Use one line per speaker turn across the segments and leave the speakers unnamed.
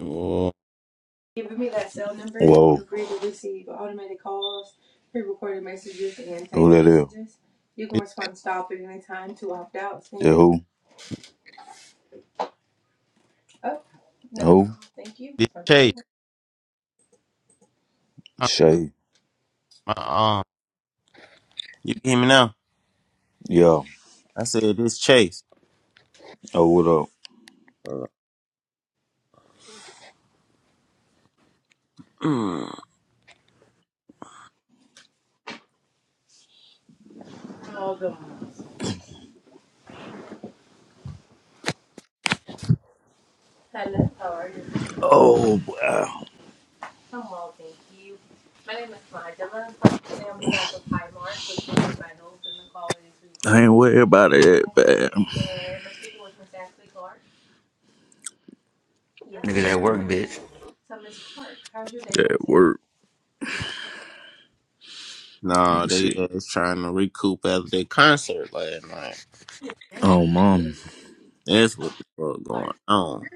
Oh, this,
who?
this Chase. Huh,
Shay.
My arm. You can hear me now?
Yeah.
I said this Chase.
Oh, what up?
Uh, mm.
Oh, wow. I ain't worried about it, man.
Niggas at work, bitch.
work. Let
No,
me
they
see.
uh, was trying to recoup after their concert last night.
Oh, mom.
That's what the fuck going on.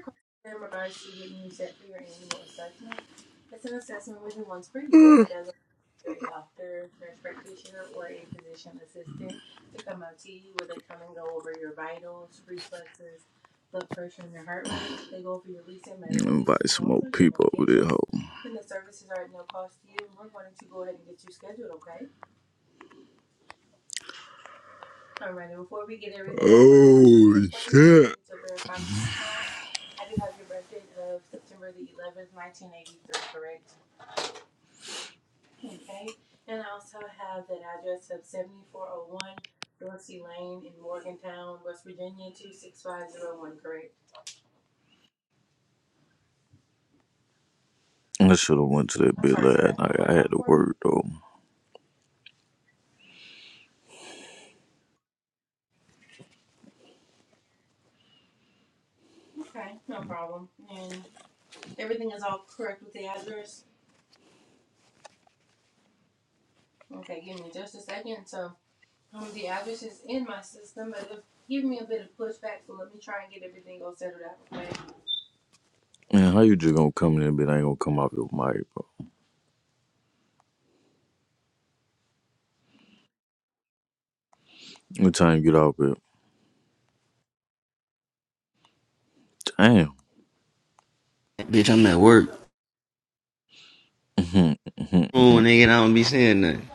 You there, location. Oh, shit. I should have went to that bit last night. I had to work though. Man, how you just gonna come in that bit? I ain't gonna come off your mic, bro. What time you get off it? Damn.
Bitch, I'm at work.
Mhm, mhm,
Oh,
mhm.
nigga, I don't be saying nothing.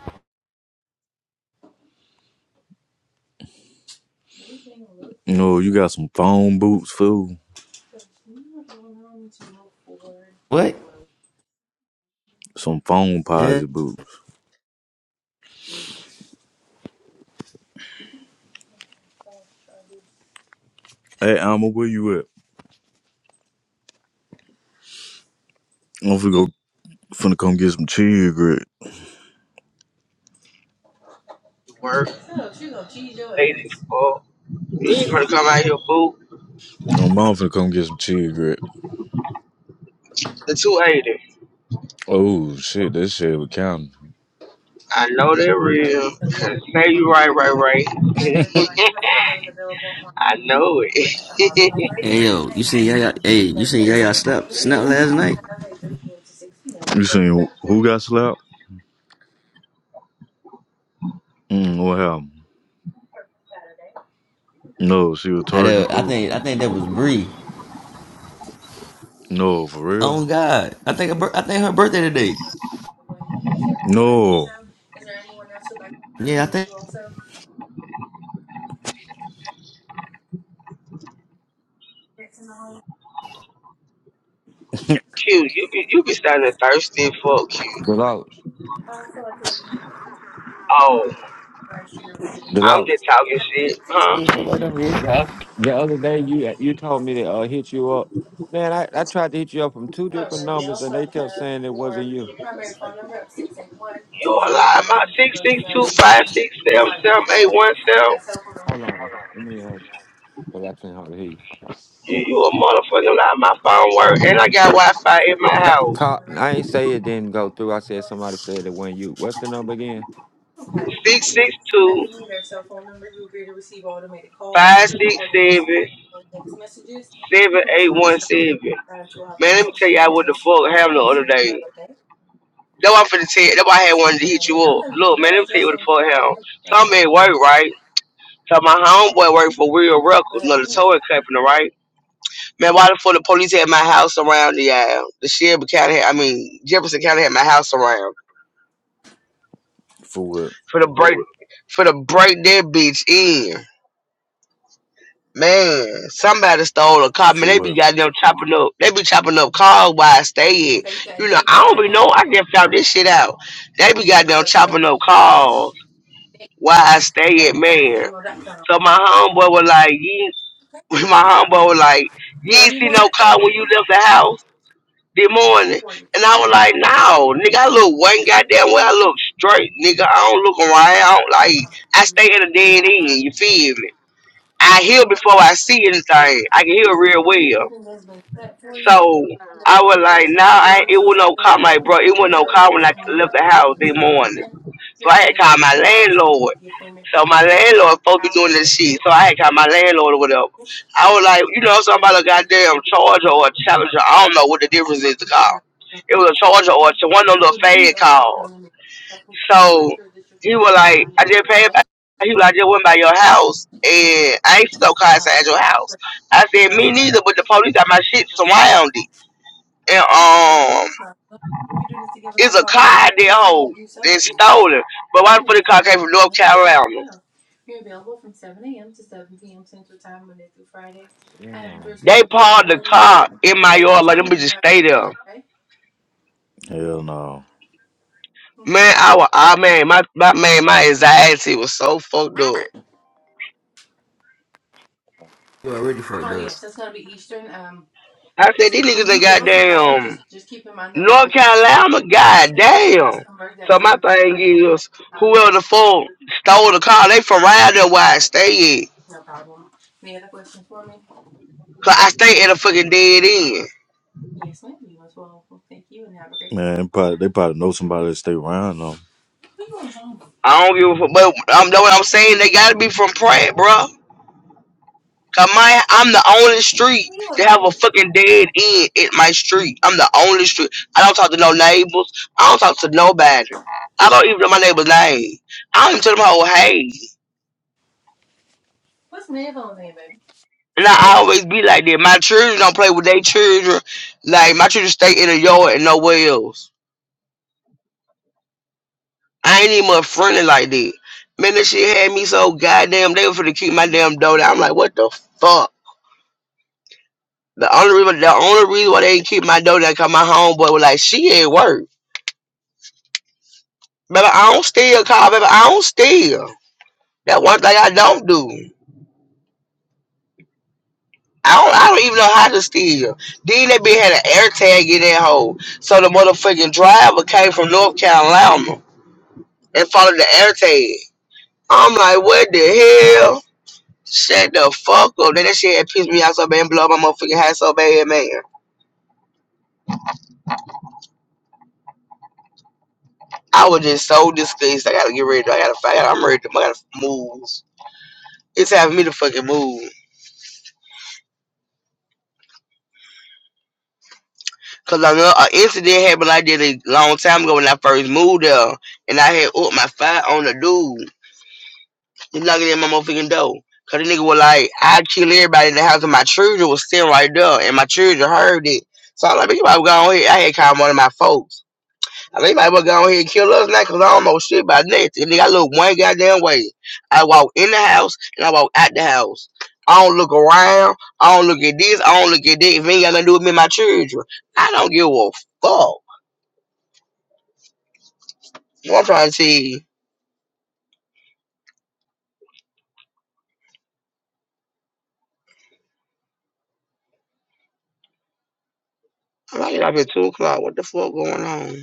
no, you got some phone boots, fool.
What?
Some phone
Yeah.
posit boots. Hey, Alma, where you at? I'm finna go, finna come get some cheese grit.
You work eighty four. You ain't to come out here, boo.
My mom finna come get some cheese grit.
The 280.
Oh shit, that shit was counting.
I know that real. Say you right, right, right. I know it.
Hey, yo, you seen Yaya? Hey, you seen Yaya snap snap last night?
You seen who who got slapped? Mm, what happened? No, she was
I
targeting
do, I
food.
think I think that was Bree.
No, for real.
Oh God, I think her, I think her birthday today.
No.
Yeah, I think.
Q, you be, you be standing thirsty, for you.
Deloach,
Oh, I'm just
Deloach.
talking shit, huh?
Yeah, so like that. Yeah,
The other day you you told me to uh, hit you up. Man, I, I tried to hit you up from two different numbers and they kept saying it wasn't you.
You a lie, my six six two five six seven seven eight one seven.
Hold on, let me uh, cause I can't hardly hear you.
You, you a motherfucking lie, my phone work, and I got Wi-Fi in my
Ca ca-
house.
I ain't say it didn't go through. I said somebody said it wasn't you. What's the number again?
Six six two five six seven seven eight one seven. Man, let me tell y'all what the fuck happened the other day. That why I'm finna tell you. That why I had wanted to hit you up. Look, man, let me tell you what the fuck happened. So I'm at work, right? So my homeboy worked for Real Records, another towing company, right? Man, why the fuck the police had my house around y'all? The Shelby County, had, I mean Jefferson County had my house around
For what?
for the break, for the break that bitch in. Man, somebody stole a car. Man,
For
they be
what?
goddamn chopping up. They be chopping up cars while I stay in. You know, I don't even know. I just found this shit out. They be goddamn chopping up cars while I stay at, man. So my homeboy was like, you, my homeboy was like, you ain't see no car when you left the house this morning. And I was like, no, nigga, I look one goddamn way. I look straight, nigga. I don't look around. I don't like, I stay at a dead end. You feel me? I hear before I see anything. I can hear real well. So I was like, nah, I, ain't- it was no call my bro. It was no call when I left the house that morning. So I had called my landlord. So my landlord supposed to be doing this shit. So I had called my landlord or whatever. I was like, you know, somebody goddamn charger or a challenger. I don't know what the difference is to call. It was a charger or a, one of those fad calls. So he was like, I just paid. By, he was like, I just went by your house, and I ain't no car inside your house. I said, me neither, but the police got my shit surrounded, and um, it's a car they hold they stolen. But why the fuck the car came from North Carolina?
Yeah, no.
They parked the car in my yard, like them bitches stay there.
Hell no.
Man, I was, I man, my, my man, my anxiety was so fucked up.
You already fucked up.
I said, these niggas done goddamn. North Carolina, goddamn. So my thing is, whoever the fuck stole the car, they from around there where I stay at. Cause I stay at a fucking dead end.
Yes, ma'am. You as well. Well, thank you and have a great day. Man, they probably, they probably know somebody that stay around though.
I don't give a fuck. But I'm know what I'm saying. They gotta be from Pratt, bro. Cause my I'm the only street that have a fucking dead end at my street. I'm the only street. I don't talk to no neighbors. I don't talk to nobody. I don't even know my neighbor's name. I don't even tell them how hey. And I always be like that. My children don't play with their children. Like my children stay in the yard and nowhere else. I ain't even friendly like that. Man, that shit had me so goddamn. They were finna keep my damn door down. I'm like, what the fuck? The only reason, the only reason why they ain't keep my door down, cause my homeboy was like, she at work. Baby, I don't steal, car. Baby, I don't steal. That one thing I don't do. I don't, I don't even know how to steal. Then they be had an air tag in that hole. So the motherfucking driver came from North Carolina. and followed the airtag. I'm like, what the hell? Shut the fuck up. Then that shit had pissed me out so bad and blow my motherfucking hat so bad, man. I was just so disgusted. I gotta get ready. I gotta fight. I'm ready to I gotta move. It's having me to fucking move. Cause I know an incident happened like that a long time ago when I first moved there. And I had up my fight on the dude. They knocking in my motherfucking door. Cause the nigga was like, I kill everybody in the house and my children was sitting right there and my children heard it. So I'm like, you might go on here. I had called one of my folks. I think you might well go on here and kill us now because I don't know shit about nothing. Nigga, I look one goddamn way. I walk in the house and I walk out the house. I don't look around. I don't look at this. I don't look at that. If it ain't got nothing to do with me and my children, I don't give a fuck. What I'm trying to see. I'm like, it out here 2 o'clock. What the fuck going on?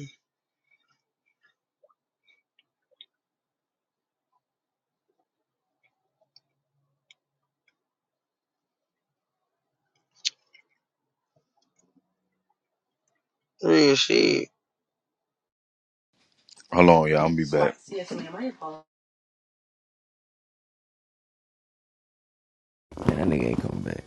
Real shit.
Hold on, y'all. I'm gonna be back. Yes, ma'am. I apologize.
Yeah, that nigga ain't coming back.